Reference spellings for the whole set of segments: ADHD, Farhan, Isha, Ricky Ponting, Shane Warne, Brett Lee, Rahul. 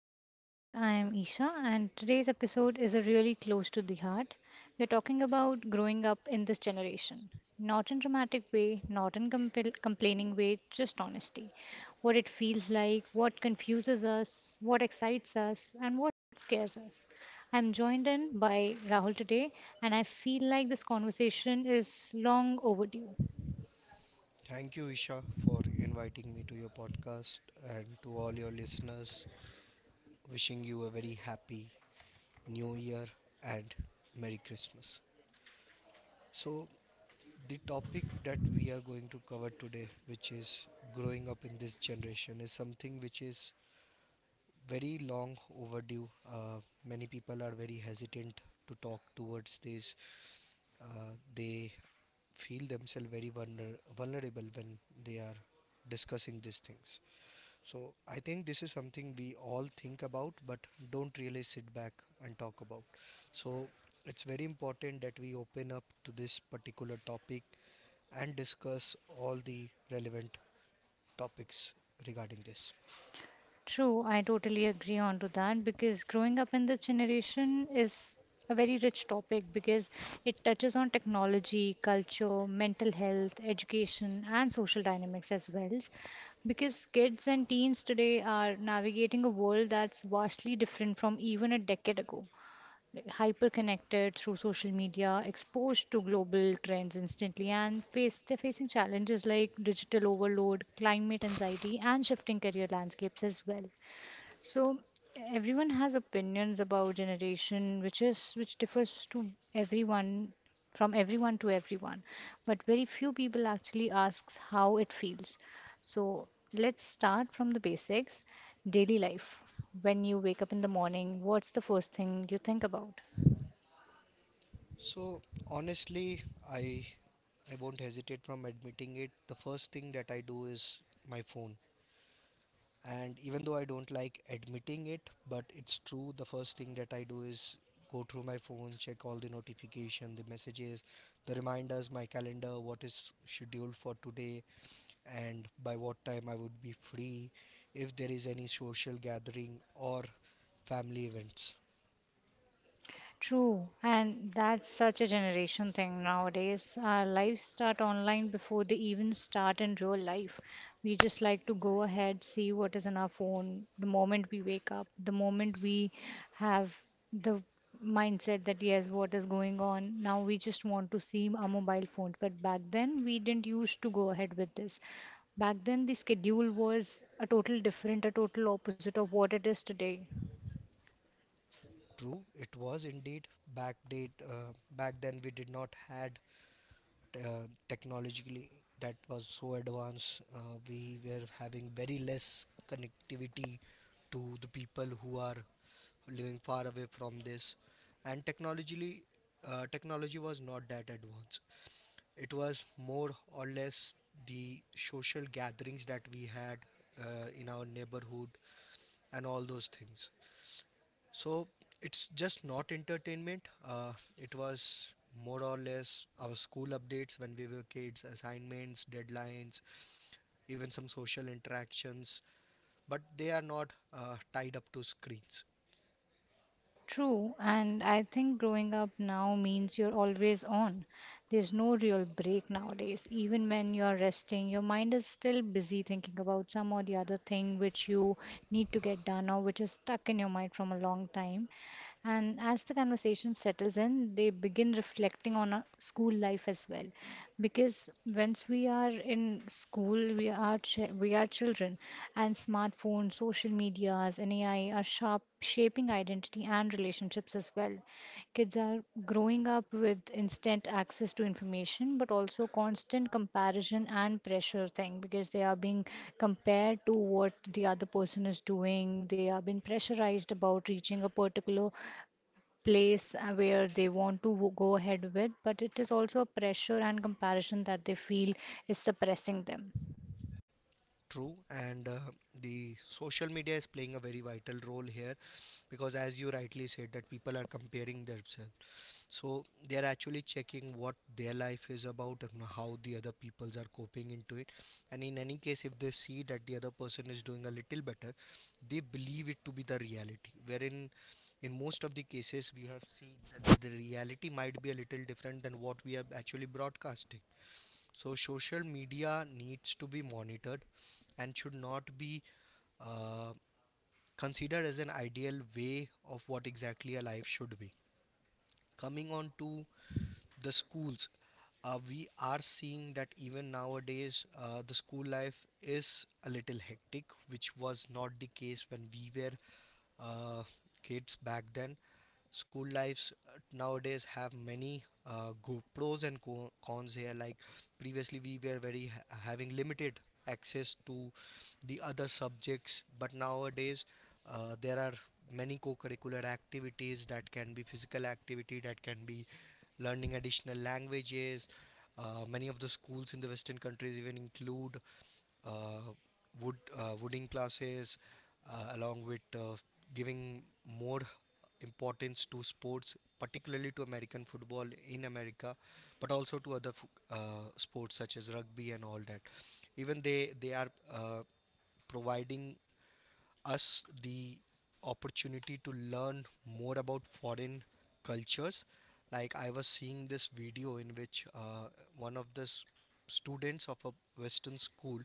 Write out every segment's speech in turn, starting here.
podcast. I am Isha, and today's episode is a really close to the heart. We're talking about growing up in this generation. Not in dramatic way, not in complaining way, just honesty. What it feels like, what confuses us, what excites us, and what scares us. I'm joined in by Rahul today, and I feel like this conversation is long overdue. Thank you, Isha, for inviting me to your podcast and to all your listeners. Wishing you a very happy new year and Merry Christmas. So, the topic that we are going to cover today, which is growing up in this generation, is something which is very long overdue. Many people are very hesitant to talk towards this. They feel themselves very vulnerable when they are discussing these things. So I think this is something we all think about but don't really sit back and talk about. So it's very important that we open up to this particular topic and discuss all the relevant topics regarding this. True, I totally agree on to that because growing up in this generation is a very rich topic because it touches on technology, culture, mental health, education, and social dynamics as well. Because kids and teens today are navigating a world that's vastly different from even a decade ago. Like hyper connected through social media, exposed to global trends instantly, and face they're facing challenges like digital overload, climate anxiety, and shifting career landscapes as well. So everyone has opinions about generation, which differs to everyone from everyone to everyone, but very few people actually asks how it feels. So let's start from the basics. Daily life. When you wake up in the morning, what's the first thing you think about? So honestly, I I won't hesitate from admitting it. The first thing that I do is my phone. And even though I don't like admitting it, but it's true. The first thing that I do is go through my phone, check all the notification, the messages, the reminders, my calendar, what is scheduled for today, and by what time I would be free, if there is any social gathering or family events. True, and that's such a generation thing nowadays. Our lives start online before they even start in real life. We just like to go ahead, see what is in our phone the moment we wake up, the moment we have the mindset that yes, what is going on. Now we just want to see our mobile phones, but back then we didn't used to go ahead with this. Back then the schedule was a total opposite of what it is today. True, it was indeed back date. Back then, we did not had technologically that was so advanced. We were having very less connectivity to the people who are living far away from this, and technologically, technology was not that advanced. It was more or less the social gatherings that we had in our neighborhood and all those things. So it's just not entertainment. It was more or less our school updates when we were kids, assignments, deadlines, even some social interactions. But they are not tied up to screens. True, and I think growing up now means you're always on. There's no real break nowadays. Even when you're resting, your mind is still busy thinking about some or the other thing which you need to get done or which is stuck in your mind from a long time. And as the conversation settles in, they begin reflecting on school life as well because once we are in school we are children, and smartphones, social medias, and AI are sharp shaping identity and relationships as well. Kids are growing up with instant access to information but also constant comparison and pressure thing because they are being compared to what the other person is doing. They are being pressurized about reaching a particular place where they want to go ahead with, but it is also a pressure and comparison that they feel is suppressing them. True, and the social media is playing a very vital role here because, as you rightly said, that people are comparing themselves. So they are actually checking what their life is about and how the other peoples are coping into it, and in any case if they see that the other person is doing a little better, they believe it to be the reality, wherein in most of the cases we have seen that the reality might be a little different than what we are actually broadcasting. So social media needs to be monitored and should not be uh, considered as an ideal way of what exactly a life should be. Coming on to the schools. We are seeing that even nowadays, the school life is a little hectic, which was not the case when we were uh, kids back then. School lives nowadays have many go pros and cons here, like previously we were very having limited access to the other subjects, but nowadays there are many co-curricular activities that can be physical activity, that can be learning additional languages. Many of the schools in the western countries even include uh, wooding classes, along with giving more importance to sports, particularly to American football in America, but also to other sports such as rugby and all that. Even they are uh, providing us the opportunity to learn more about foreign cultures. Like I was seeing this video in which one of the students of a Western school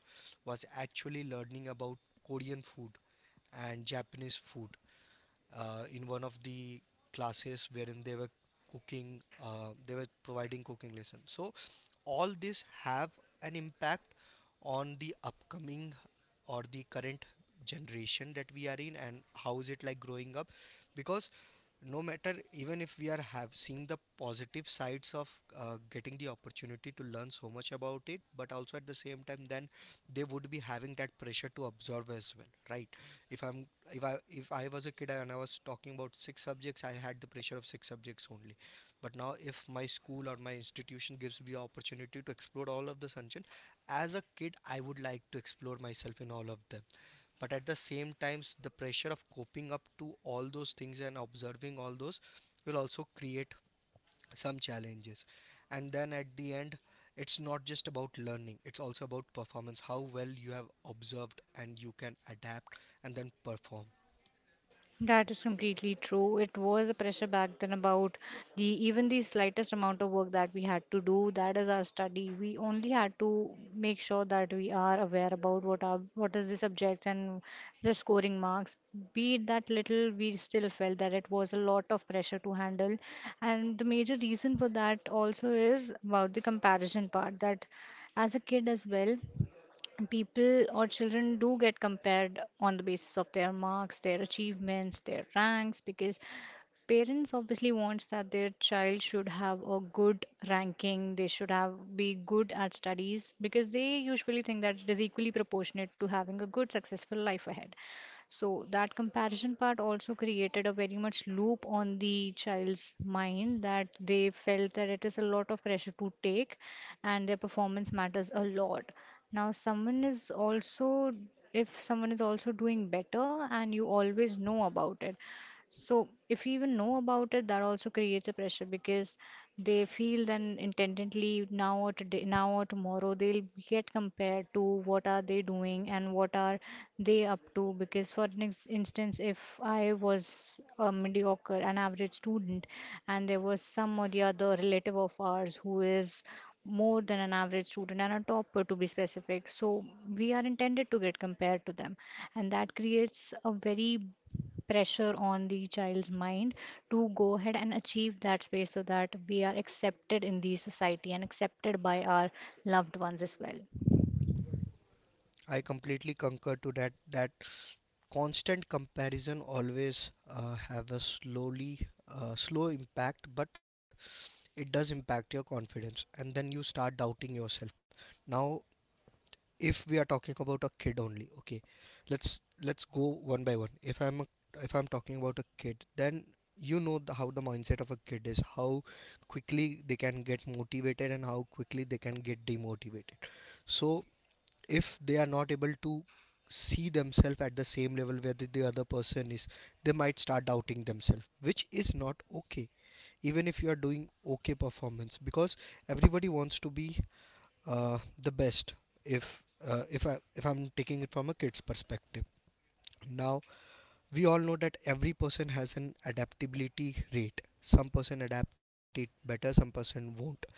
was actually learning about Korean food and Japanese food in one of the classes wherein they were cooking, they were providing cooking lessons. So all this have an impact on the upcoming or the current generation that we are in, and how is it like growing up, because no matter even if we are have seeing the positive sides of getting the opportunity to learn so much about it, but also at the same time then they would be having that pressure to observe as well, right? If I'm, if I was a kid and I was talking about six subjects, I had the pressure of six subjects only. But now if my school or my institution gives me opportunity to explore all of the sanchin, as a kid I would like to explore myself in all of them, but at the same times the pressure of coping up to all those things and observing all those will also create some challenges. And then at the end, it's not just about learning, it's also about performance, how well you have observed and you can adapt and then perform. That is completely true. It was a pressure back then about the even the slightest amount of work that we had to do. That is our study. We only had to make sure that we are aware about what is the subject and the scoring marks. Be it that little, we still felt that it was a lot of pressure to handle. And the major reason for that also is about the comparison part that as a kid as well, people or children do get compared on the basis of their marks, their achievements, their ranks, because parents obviously wants that their child should have a good ranking, they should have be good at studies, because they usually think that it is equally proportionate to having a good successful life ahead. So that comparison part also created a very much loop on the child's mind that they felt that it is a lot of pressure to take and their performance matters a lot. Now, if someone is also doing better and you always know about it, so if you even know about it, that also creates a pressure because they feel then intendently now or today, now or tomorrow they'll get compared to what are they doing and what are they up to. Because for an instance, if I was a mediocre, an average student, and there was some or the other relative of ours who is more than an average student and a topper to be specific, so we are intended to get compared to them, and that creates a very pressure on the child's mind to go ahead and achieve that space so that we are accepted in the society and accepted by our loved ones as well. I completely concur to that, that constant comparison always have a slow impact, but it does impact your confidence and then you start doubting yourself. Now, if we are talking about a kid only, okay, let's go one by one. If I'm talking about a kid, then you know how the mindset of a kid is, how quickly they can get motivated and how quickly they can get demotivated. So if they are not able to see themselves at the same level where the other person is, they might start doubting themselves, which is not okay, even if you are doing okay performance, because everybody wants to be the best, if I if I'm taking it from a kid's perspective. Now we all know that every person has an adaptability rate. Some person adapt it better, some person won't,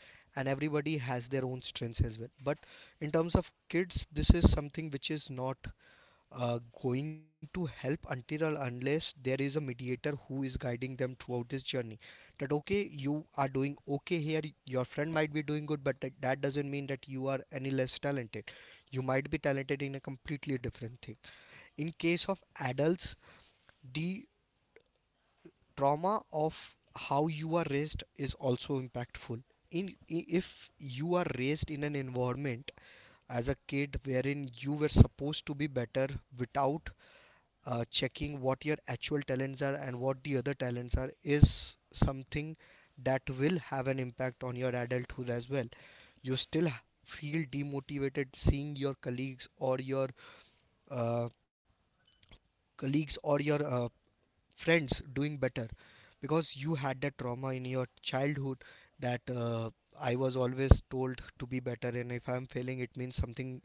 and everybody has their own strengths as well. But in terms of kids, this is something which is not going to help until or unless there is a mediator who is guiding them throughout this journey. That okay, you are doing okay here, your friend might be doing good, but that doesn't mean that you are any less talented. You might be talented in a completely different thing. In case of adults, the trauma of how you are raised is also impactful. In if you are raised in an environment as a kid wherein you were supposed to be better without checking what your actual talents are and what the other talents are, is something that will have an impact on your adulthood as well. You still feel demotivated seeing your colleagues or your uh, colleagues or your uh, friends doing better, because you had that trauma in your childhood that I was always told to be better, and if I'm failing it means something,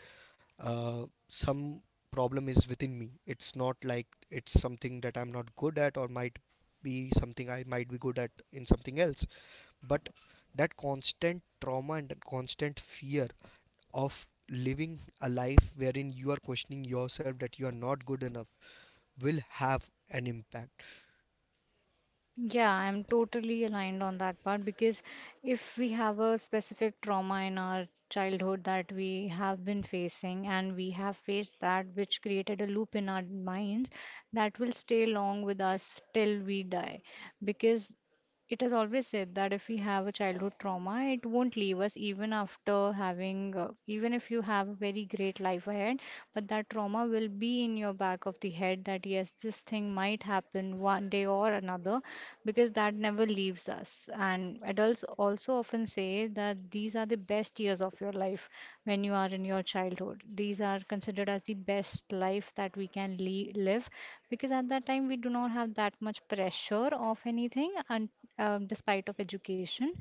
some problem is within me. It's not like it's something that I'm not good at, or might be something I might be good at in something else. But that constant trauma and that constant fear of living a life wherein you are questioning yourself that you are not good enough, will have an impact. Yeah, I'm totally aligned on that part because if we have a specific trauma in our childhood that we have been facing and we have faced that, which created a loop in our minds, that will stay along with us till we die. Because it has always said that if we have a childhood trauma, it won't leave us even after having, even if you have a very great life ahead, but that trauma will be in your back of the head that yes, this thing might happen one day or another, because that never leaves us. And adults also often say that these are the best years of your life when you are in your childhood. These are considered as the best life that we can live, because at that time we do not have that much pressure of anything, and despite of education,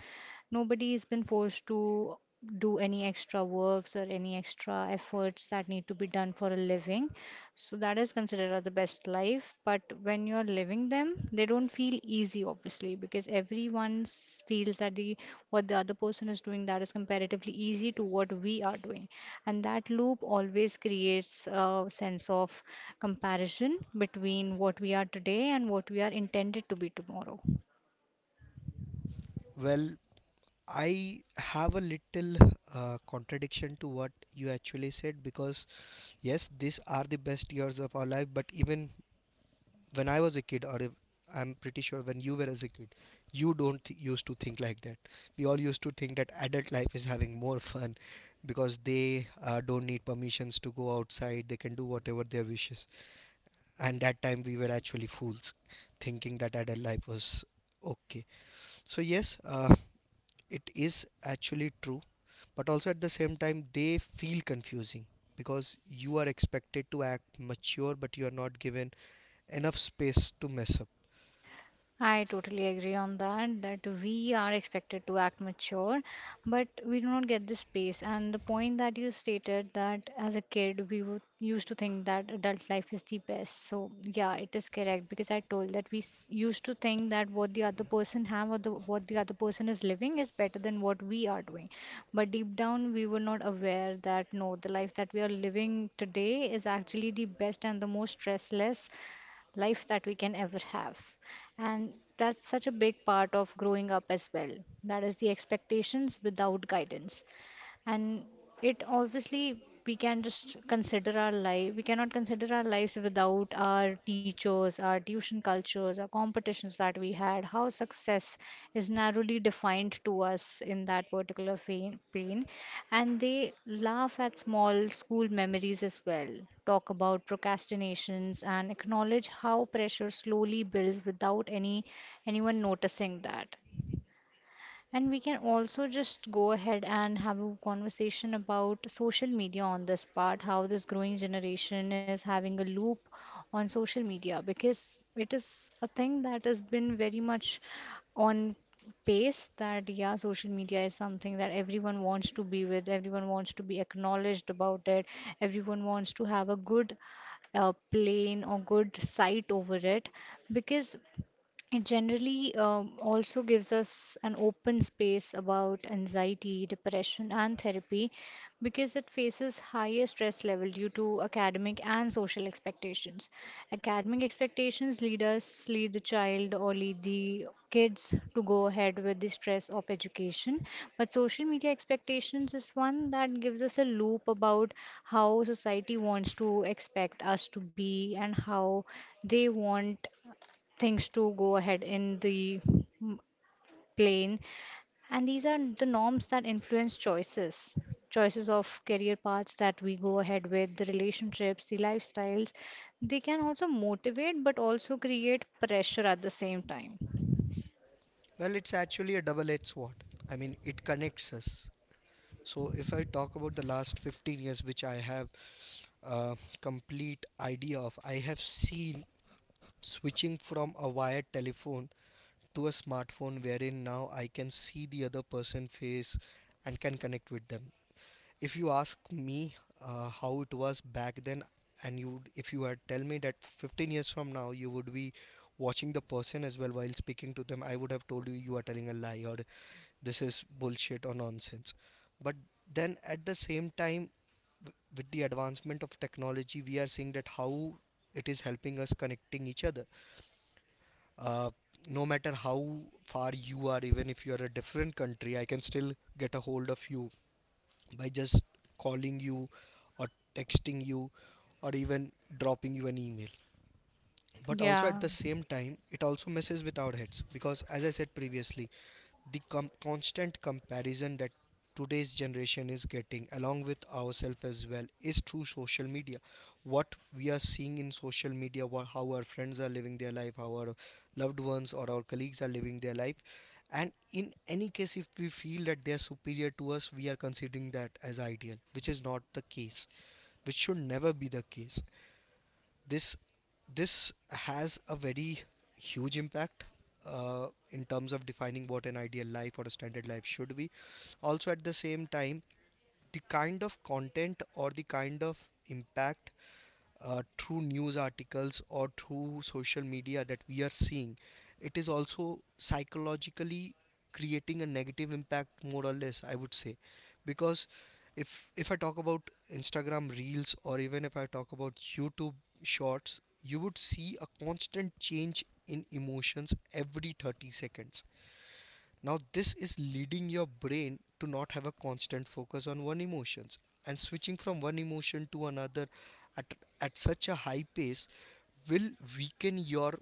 nobody has been forced to do any extra works or any extra efforts that need to be done for a living. So that is considered as the best life, but when you're living them they don't feel easy obviously, because everyone feels that the what the other person is doing, that is comparatively easy to what we are doing. And that loop always creates a sense of comparison between what we are today and what we are intended to be tomorrow. Well, I have a little contradiction to what you actually said, because yes, these are the best years of our life, but even when I was a kid, or if, I'm pretty sure when you were as a kid, you don't th- used to think like that. We all used to think that adult life is having more fun, because they don't need permissions to go outside. They can do whatever their wishes. And that time we were actually fools, thinking that adult life was okay. So yes, it is actually true, but also at the same time they feel confusing, because you are expected to act mature, but you are not given enough space to mess up. I totally agree on that, that we are expected to act mature, but we do not get this space. And the point that you stated, that as a kid, we would used to think that adult life is the best. So yeah, it is correct, because I told that we used to think that what the other person have, what the other person is living is better than what we are doing. But deep down, we were not aware that no, the life that we are living today is actually the best and the most stressless life that we can ever have. And that's such a big part of growing up as well. That is the expectations without guidance, and it obviously, we can just consider our life, we cannot consider our lives without our teachers, our tuition cultures, our competitions that we had, how success is narrowly defined to us in that particular pain. And they laugh at small school memories as well, talk about procrastinations and acknowledge how pressure slowly builds without anyone noticing that. And we can also just go ahead and have a conversation about social media on this part, how this growing generation is having a loop on social media, because it is a thing that has been very much on pace, that yeah, social media is something that everyone wants to be with, everyone wants to be acknowledged about it, everyone wants to have a good plane or good sight over it. Because it generally also gives us an open space about anxiety, depression, and therapy, because it faces higher stress level due to academic and social expectations. Academic expectations lead us, lead the child, or lead the kids to go ahead with the stress of education. But social media expectations is one that gives us a loop about how society wants to expect us to be and how they want things to go ahead in the mm, plane. And these are the norms that influence choices, choices of career paths that we go ahead with, the relationships, the lifestyles. They can also motivate but also create pressure at the same time. Well, it's actually a double edged sword. I mean, it connects us. So, if I talk about the last 15 years, which I have a complete idea of, I have seen switching from a wired telephone to a smartphone wherein now I can see the other person's face and can connect with them. If you ask me how it was back then, and if you had tell me that 15 years from now you would be watching the person as well while speaking to them, I would have told you you are telling a lie or this is bullshit or nonsense. But then at the same time, with the advancement of technology, we are seeing that how it is helping us connecting each other. Uh, no matter how far you are, even if you are a different country, I can still get a hold of you by just calling you or texting you or even dropping you an email. But also at Yeah. the same time, it also messes with our heads because, as I said previously, the constant comparison that today's generation is getting along with ourselves as well is through social media. What we are seeing in social media, how our friends are living their life, how our loved ones or our colleagues are living their life, and in any case if we feel that they are superior to us, we are considering that as ideal, which is not the case, which should never be the case. This this has a very huge impact in terms of defining what an ideal life or a standard life should be. Also at the same time, the kind of content or the kind of impact through news articles or through social media that we are seeing, it is also psychologically creating a negative impact, more or less, I would say. Because if I talk about Instagram Reels or even if I talk about YouTube Shorts, you would see a constant change in emotions every 30 seconds. Now, this is leading your brain to not have a constant focus on one emotions, and switching from one emotion to another at, at such a high pace will weaken your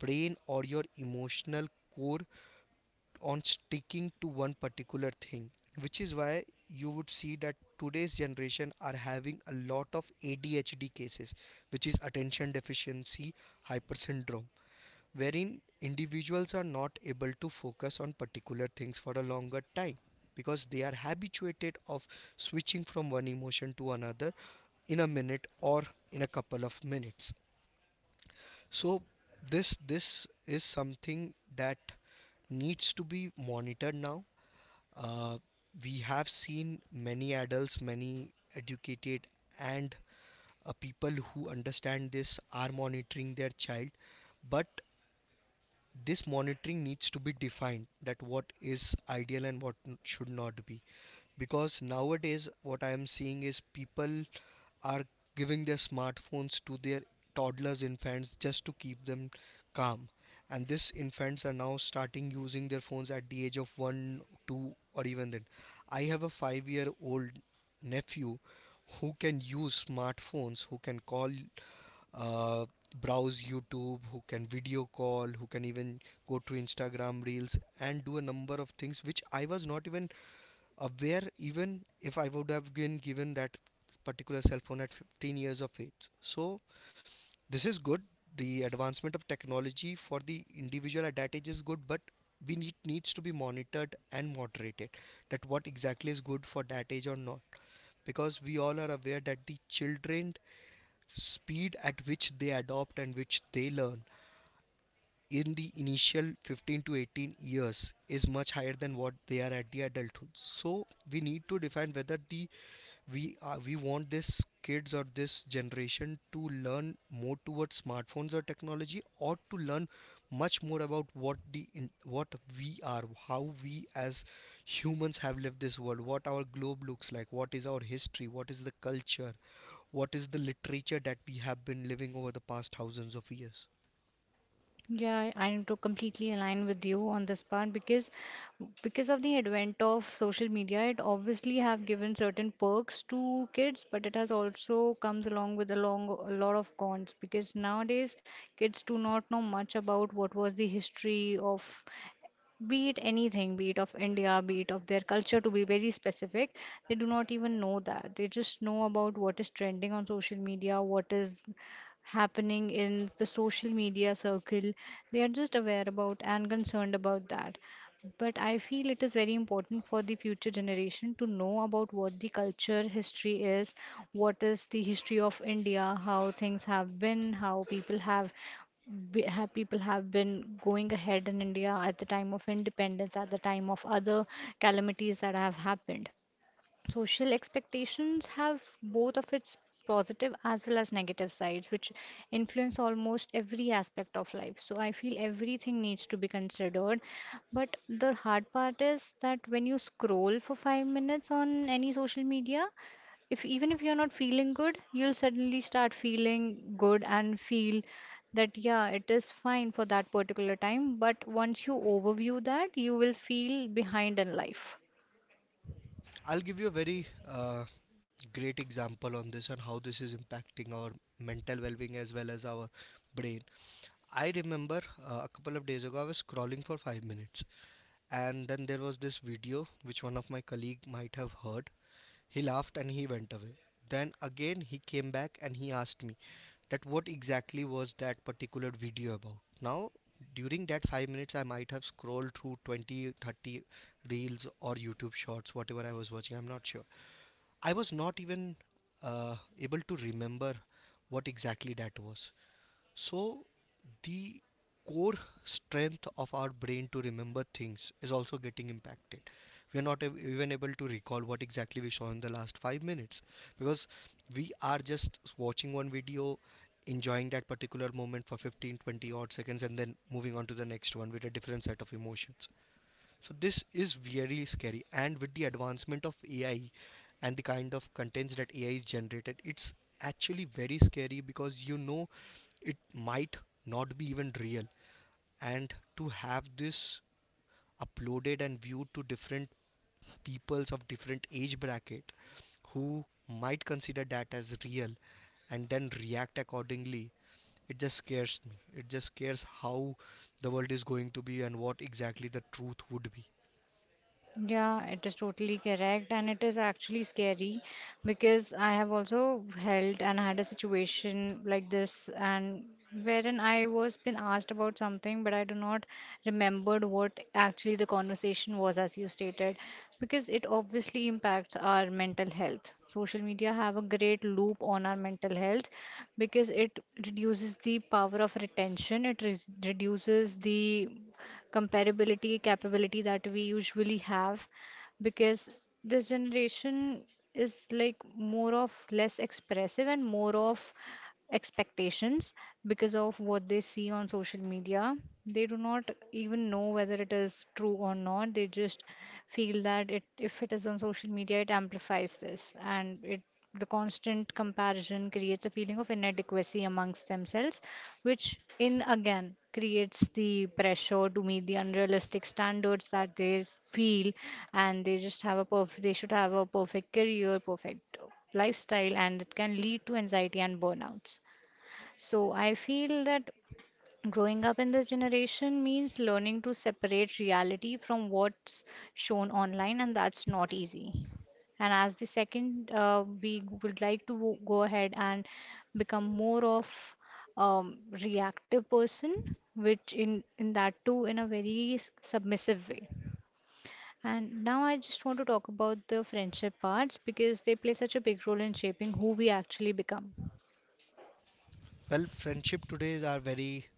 brain or your emotional core on sticking to one particular thing, which is why you would see that today's generation are having a lot of ADHD cases, which is attention deficiency hyper syndrome, wherein individuals are not able to focus on particular things for a longer time, because they are habituated of switching from one emotion to another in a minute or in a couple of minutes. So this is something that needs to be monitored now. uh, we have seen many adults, many educated and people who understand this are monitoring their child, but this monitoring needs to be defined that what is ideal and what should not be, because nowadays what I am seeing is people are giving their smartphones to their toddlers, infants, just to keep them calm. And these infants are now starting using their phones at the age of 1, 2, or even then. I have a 5-year-old nephew who can use smartphones, who can call, uh, browse YouTube, who can video call, who can even go to Instagram Reels and do a number of things which I was not even aware, even if I would have been given that particular cell phone at 15 years of age. So, this is good. The advancement of technology for the individual at that age is good, but we need needs to be monitored and moderated, that what exactly is good for that age or not, because we all are aware that the children speed at which they adopt and which they learn in the initial 15 to 18 years is much higher than what they are at the adulthood. So we need to define whether the we are we want this kids or this generation to learn more towards smartphones or technology, or to learn much more about what the what we are how we as humans have lived this world, what our globe looks like, what is our history, what is the culture, what is the literature that we have been living over the past thousands of years. Yeah, I am to completely align with you on this part, because of the advent of social media, it obviously have given certain perks to kids, but it has also comes along with a lot of cons, because nowadays kids do not know much about what was the history of, be it anything, be it of India, be it of their culture, to be very specific, they do not even know that. They just know about what is trending on social media, what is happening in the social media circle. They are just aware about and concerned about that. But I feel it is very important for the future generation to know about what the culture history is, what is the history of India, how things have been, how people have be- have people have been going ahead in India at the time of independence, at the time of other calamities that have happened. Social expectations have both of its positive as well as negative sides which influence almost every aspect of life, so I feel everything needs to be considered. But the hard part is that when you scroll for 5 minutes on any social media, if even if you're not feeling good, you'll suddenly start feeling good and feel that yeah, it is fine for that particular time, but once you overview that, you will feel behind in life. I'll give you a very great example on this and how this is impacting our mental well being as well as our brain. I remember a couple of days ago I was scrolling for 5 minutes, and then there was this video which one of my colleague might have heard. He laughed and he went away. Then again he came back and he asked me that what exactly was that particular video about. Now, during that 5 minutes, I might have scrolled through 20, 30 reels or YouTube shorts, whatever I was watching, I'm not sure. I was not even able to remember what exactly that was. So, the core strength of our brain to remember things is also getting impacted. We are not even able to recall what exactly we saw in the last 5 minutes, because we are just watching one video, enjoying that particular moment for 15, 20 odd seconds, and then moving on to the next one with a different set of emotions. So this is very scary. And with the advancement of AI and the kind of contents that AI is generated, it's actually very scary because you know it might not be even real. And to have this uploaded and viewed to different peoples of different age bracket who might consider that as real and then react accordingly, it just scares me, it just scares how the world is going to be and what exactly the truth would be. Yeah, it is totally correct, and it is actually scary because I have also held and had a situation like this, and wherein I was been asked about something, but I do not remembered what actually the conversation was, as you stated, because it obviously impacts our mental health. Social media have a great loop on our mental health because it reduces the power of retention, it re reduces the comparability capability that we usually have, because this generation is like more of less expressive and more of expectations because of what they see on social media. They do not even know whether it is true or not, they just feel that it, if it is on social media, it amplifies this, and it the constant comparison creates a feeling of inadequacy amongst themselves, which in again creates the pressure to meet the unrealistic standards that they feel, and they just have a they should have a perfect career, perfect lifestyle, and it can lead to anxiety and burnouts. So I feel that growing up in this generation means learning to separate reality from what's shown online, and that's not easy. And as the second, we would like to go ahead and become more of reactive person, which in that too in a very submissive way. And now I just want to talk about the friendship parts because they play such a big role in shaping who we actually become. Well, friendship today are very,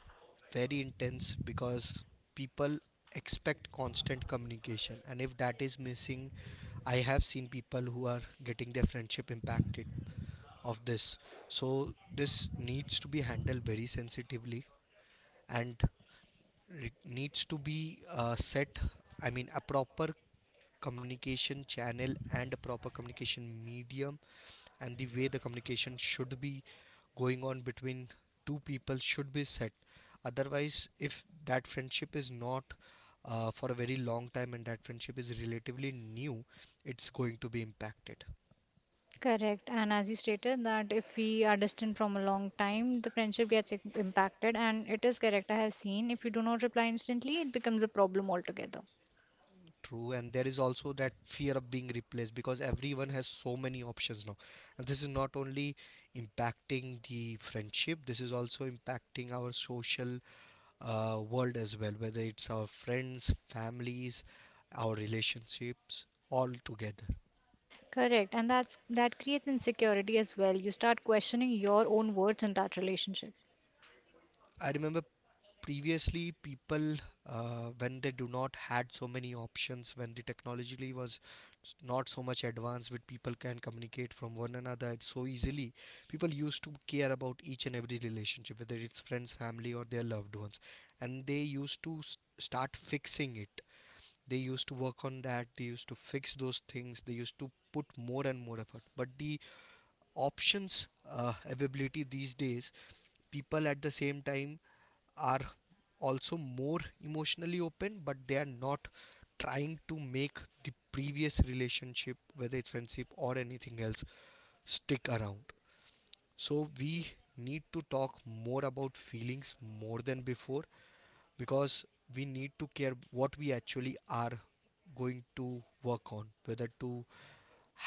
very intense because people expect constant communication, and if that is missing, I have seen people who are getting their friendship impacted of this. So this needs to be handled very sensitively and needs to be set. I mean, a proper communication channel and a proper communication medium and the way the communication should be going on between two people should be set, otherwise if that friendship is not for a very long time and that friendship is relatively new, it's going to be impacted. Correct. And as you stated, that if we are distant from a long time, the friendship gets impacted. And it is correct. I have seen if you do not reply instantly, it becomes a problem altogether. True, and there is also that fear of being replaced because everyone has so many options now, and this is not only impacting the friendship, this is also impacting our social world as well, whether it's our friends, families, our relationships, all together. Correct. And that creates insecurity as well. You start questioning your own worth in that relationship. I remember previously people when they do not had so many options, when the technology was not so much advanced with people can communicate from one another so easily, people used to care about each and every relationship, whether it's friends, family, or their loved ones, and they used to start fixing it, they used to work on that, they used to fix those things, they used to put more and more effort, but the options availability these days, people at the same time are also more emotionally open, but they are not trying to make the previous relationship, whether it's friendship or anything else, stick around. So we need to talk more about feelings more than before, because we need to care what we actually are going to work on, whether to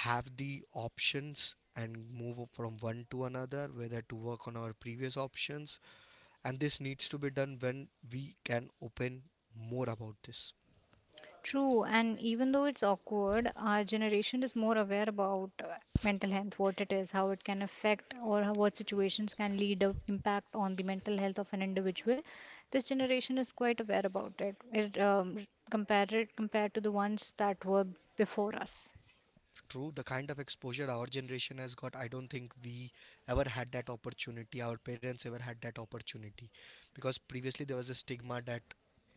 have the options and move from one to another, whether to work on our previous options, and this needs to be done when we can open more about this. True, and even though it's awkward, our generation is more aware about mental health, what it is, how it can affect, or how, what situations can lead a impact on the mental health of an individual. This generation is quite aware about it. It um, compared to the ones that were before us. True, the kind of exposure our generation has got, I don't think we ever had that opportunity. Our parents ever had that opportunity because previously there was a stigma that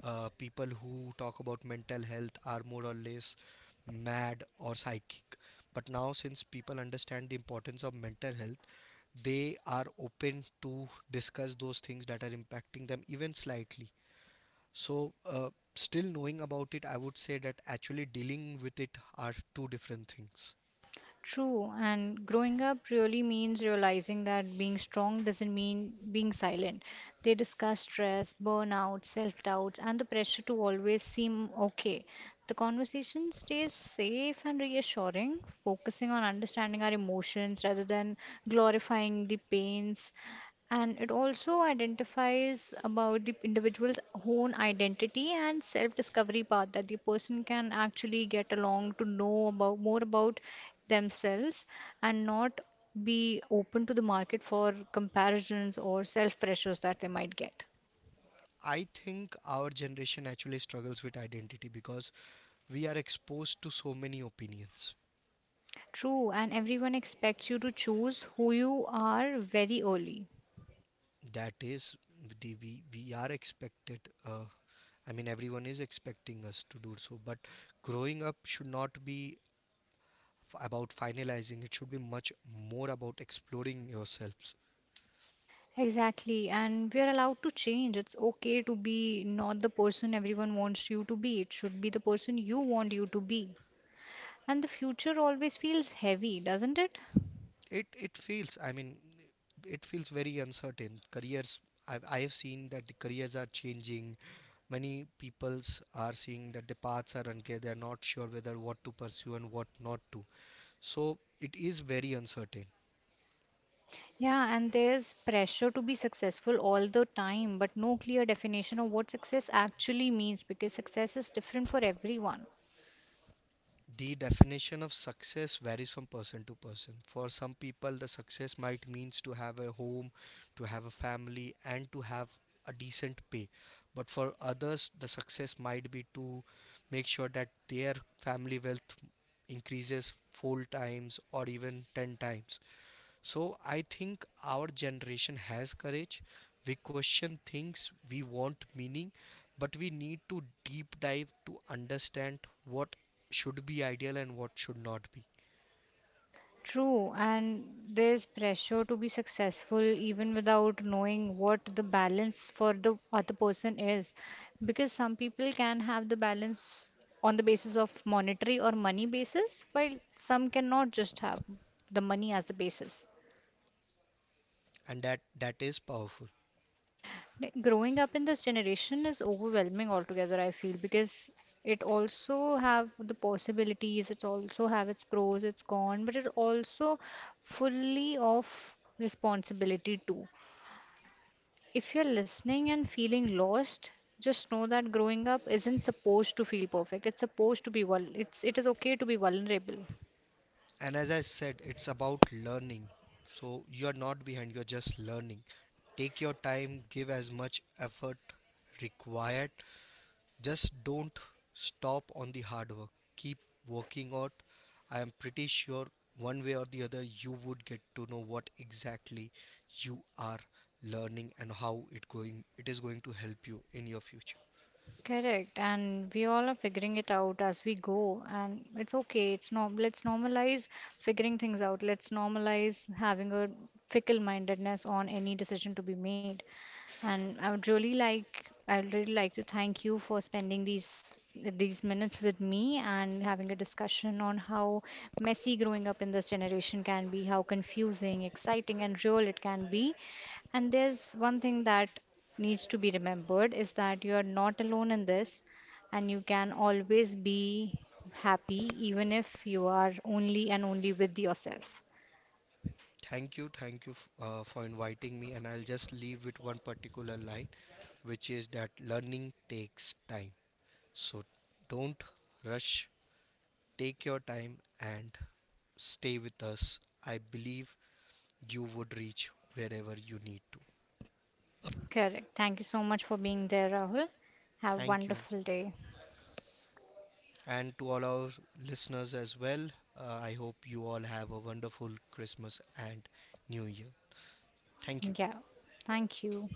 people who talk about mental health are more or less mad or psychic. But now, since people understand the importance of mental health, they are open to discuss those things that are impacting them even slightly. So, still knowing about it, I would say that actually dealing with it are two different things. True, and growing up really means realizing that being strong doesn't mean being silent. They discuss stress, burnout, self doubts, and the pressure to always seem okay. The conversation stays safe and reassuring, focusing on understanding our emotions rather than glorifying the pains, and it also identifies about the individual's own identity and self-discovery path that the person can actually get along to know about more about themselves and not be open to the market for comparisons or self pressures that they might get. I think our generation actually struggles with identity because we are exposed to so many opinions. True, and everyone expects you to choose who you are very early. That is, the, we are expected. Uh, I mean, everyone is expecting us to do so. But growing up should not be about finalizing. It should be much more about exploring yourselves. Exactly, and we are allowed to change. It's okay to be not the person everyone wants you to be, it should be the person you want you to be. And the future always feels heavy, doesn't it? It feels, I mean, it feels very uncertain. Careers, I have seen that the careers are changing, many peoples are seeing that the paths are unclear, they are not sure whether what to pursue and what not to. So it is very uncertain. Yeah, and there's pressure to be successful all the time, but no clear definition of what success actually means because success is different for everyone. The definition of success varies from person to person. For some people, the success might means to have a home, to have a family, and to have a decent pay. But for others, the success might be to make sure that their family wealth increases four times or even 10 times. So I think our generation has courage. We question things, we want meaning, but we need to deep dive to understand what should be ideal and what should not be. True, and there's pressure to be successful even without knowing what the balance for the other person is, because some people can have the balance on the basis of monetary or money basis, while some cannot just have the money as the basis. And that is powerful. Like, growing up in this generation is overwhelming altogether, I feel, because it also have the possibilities, it also have its pros, its con, but it also fully of responsibility too. If you're listening and feeling lost, just know that growing up isn't supposed to feel perfect. It's supposed to be it is okay to be vulnerable. And as I said, it's about learning. So you're not behind, you're just learning. Take your time, give as much effort required. Just don't stop on the hard work. Keep working out. I am pretty sure one way or the other you would get to know what exactly you are learning and how it is going to help you in your future. Correct, and we all are figuring it out as we go, and it's okay. It's norm. Let's normalize figuring things out. Let's normalize having a fickle mindedness on any decision to be made. And I would really like to thank you for spending these minutes with me and having a discussion on how messy growing up in this generation can be, how confusing, exciting and real it can be. And there's one thing that needs to be remembered is that you are not alone in this, and you can always be happy even if you are only and only with yourself. Thank you for inviting me and I'll just leave with one particular line which is that learning takes time. So don't rush, take your time and stay with us. I believe you would reach wherever you need to. Correct. Thank you so much for being there, Rahul. Have a Thank you. wonderful day. And to all our listeners as well, I hope you all have a wonderful Christmas and New Year. Thank you. Yeah, thank you.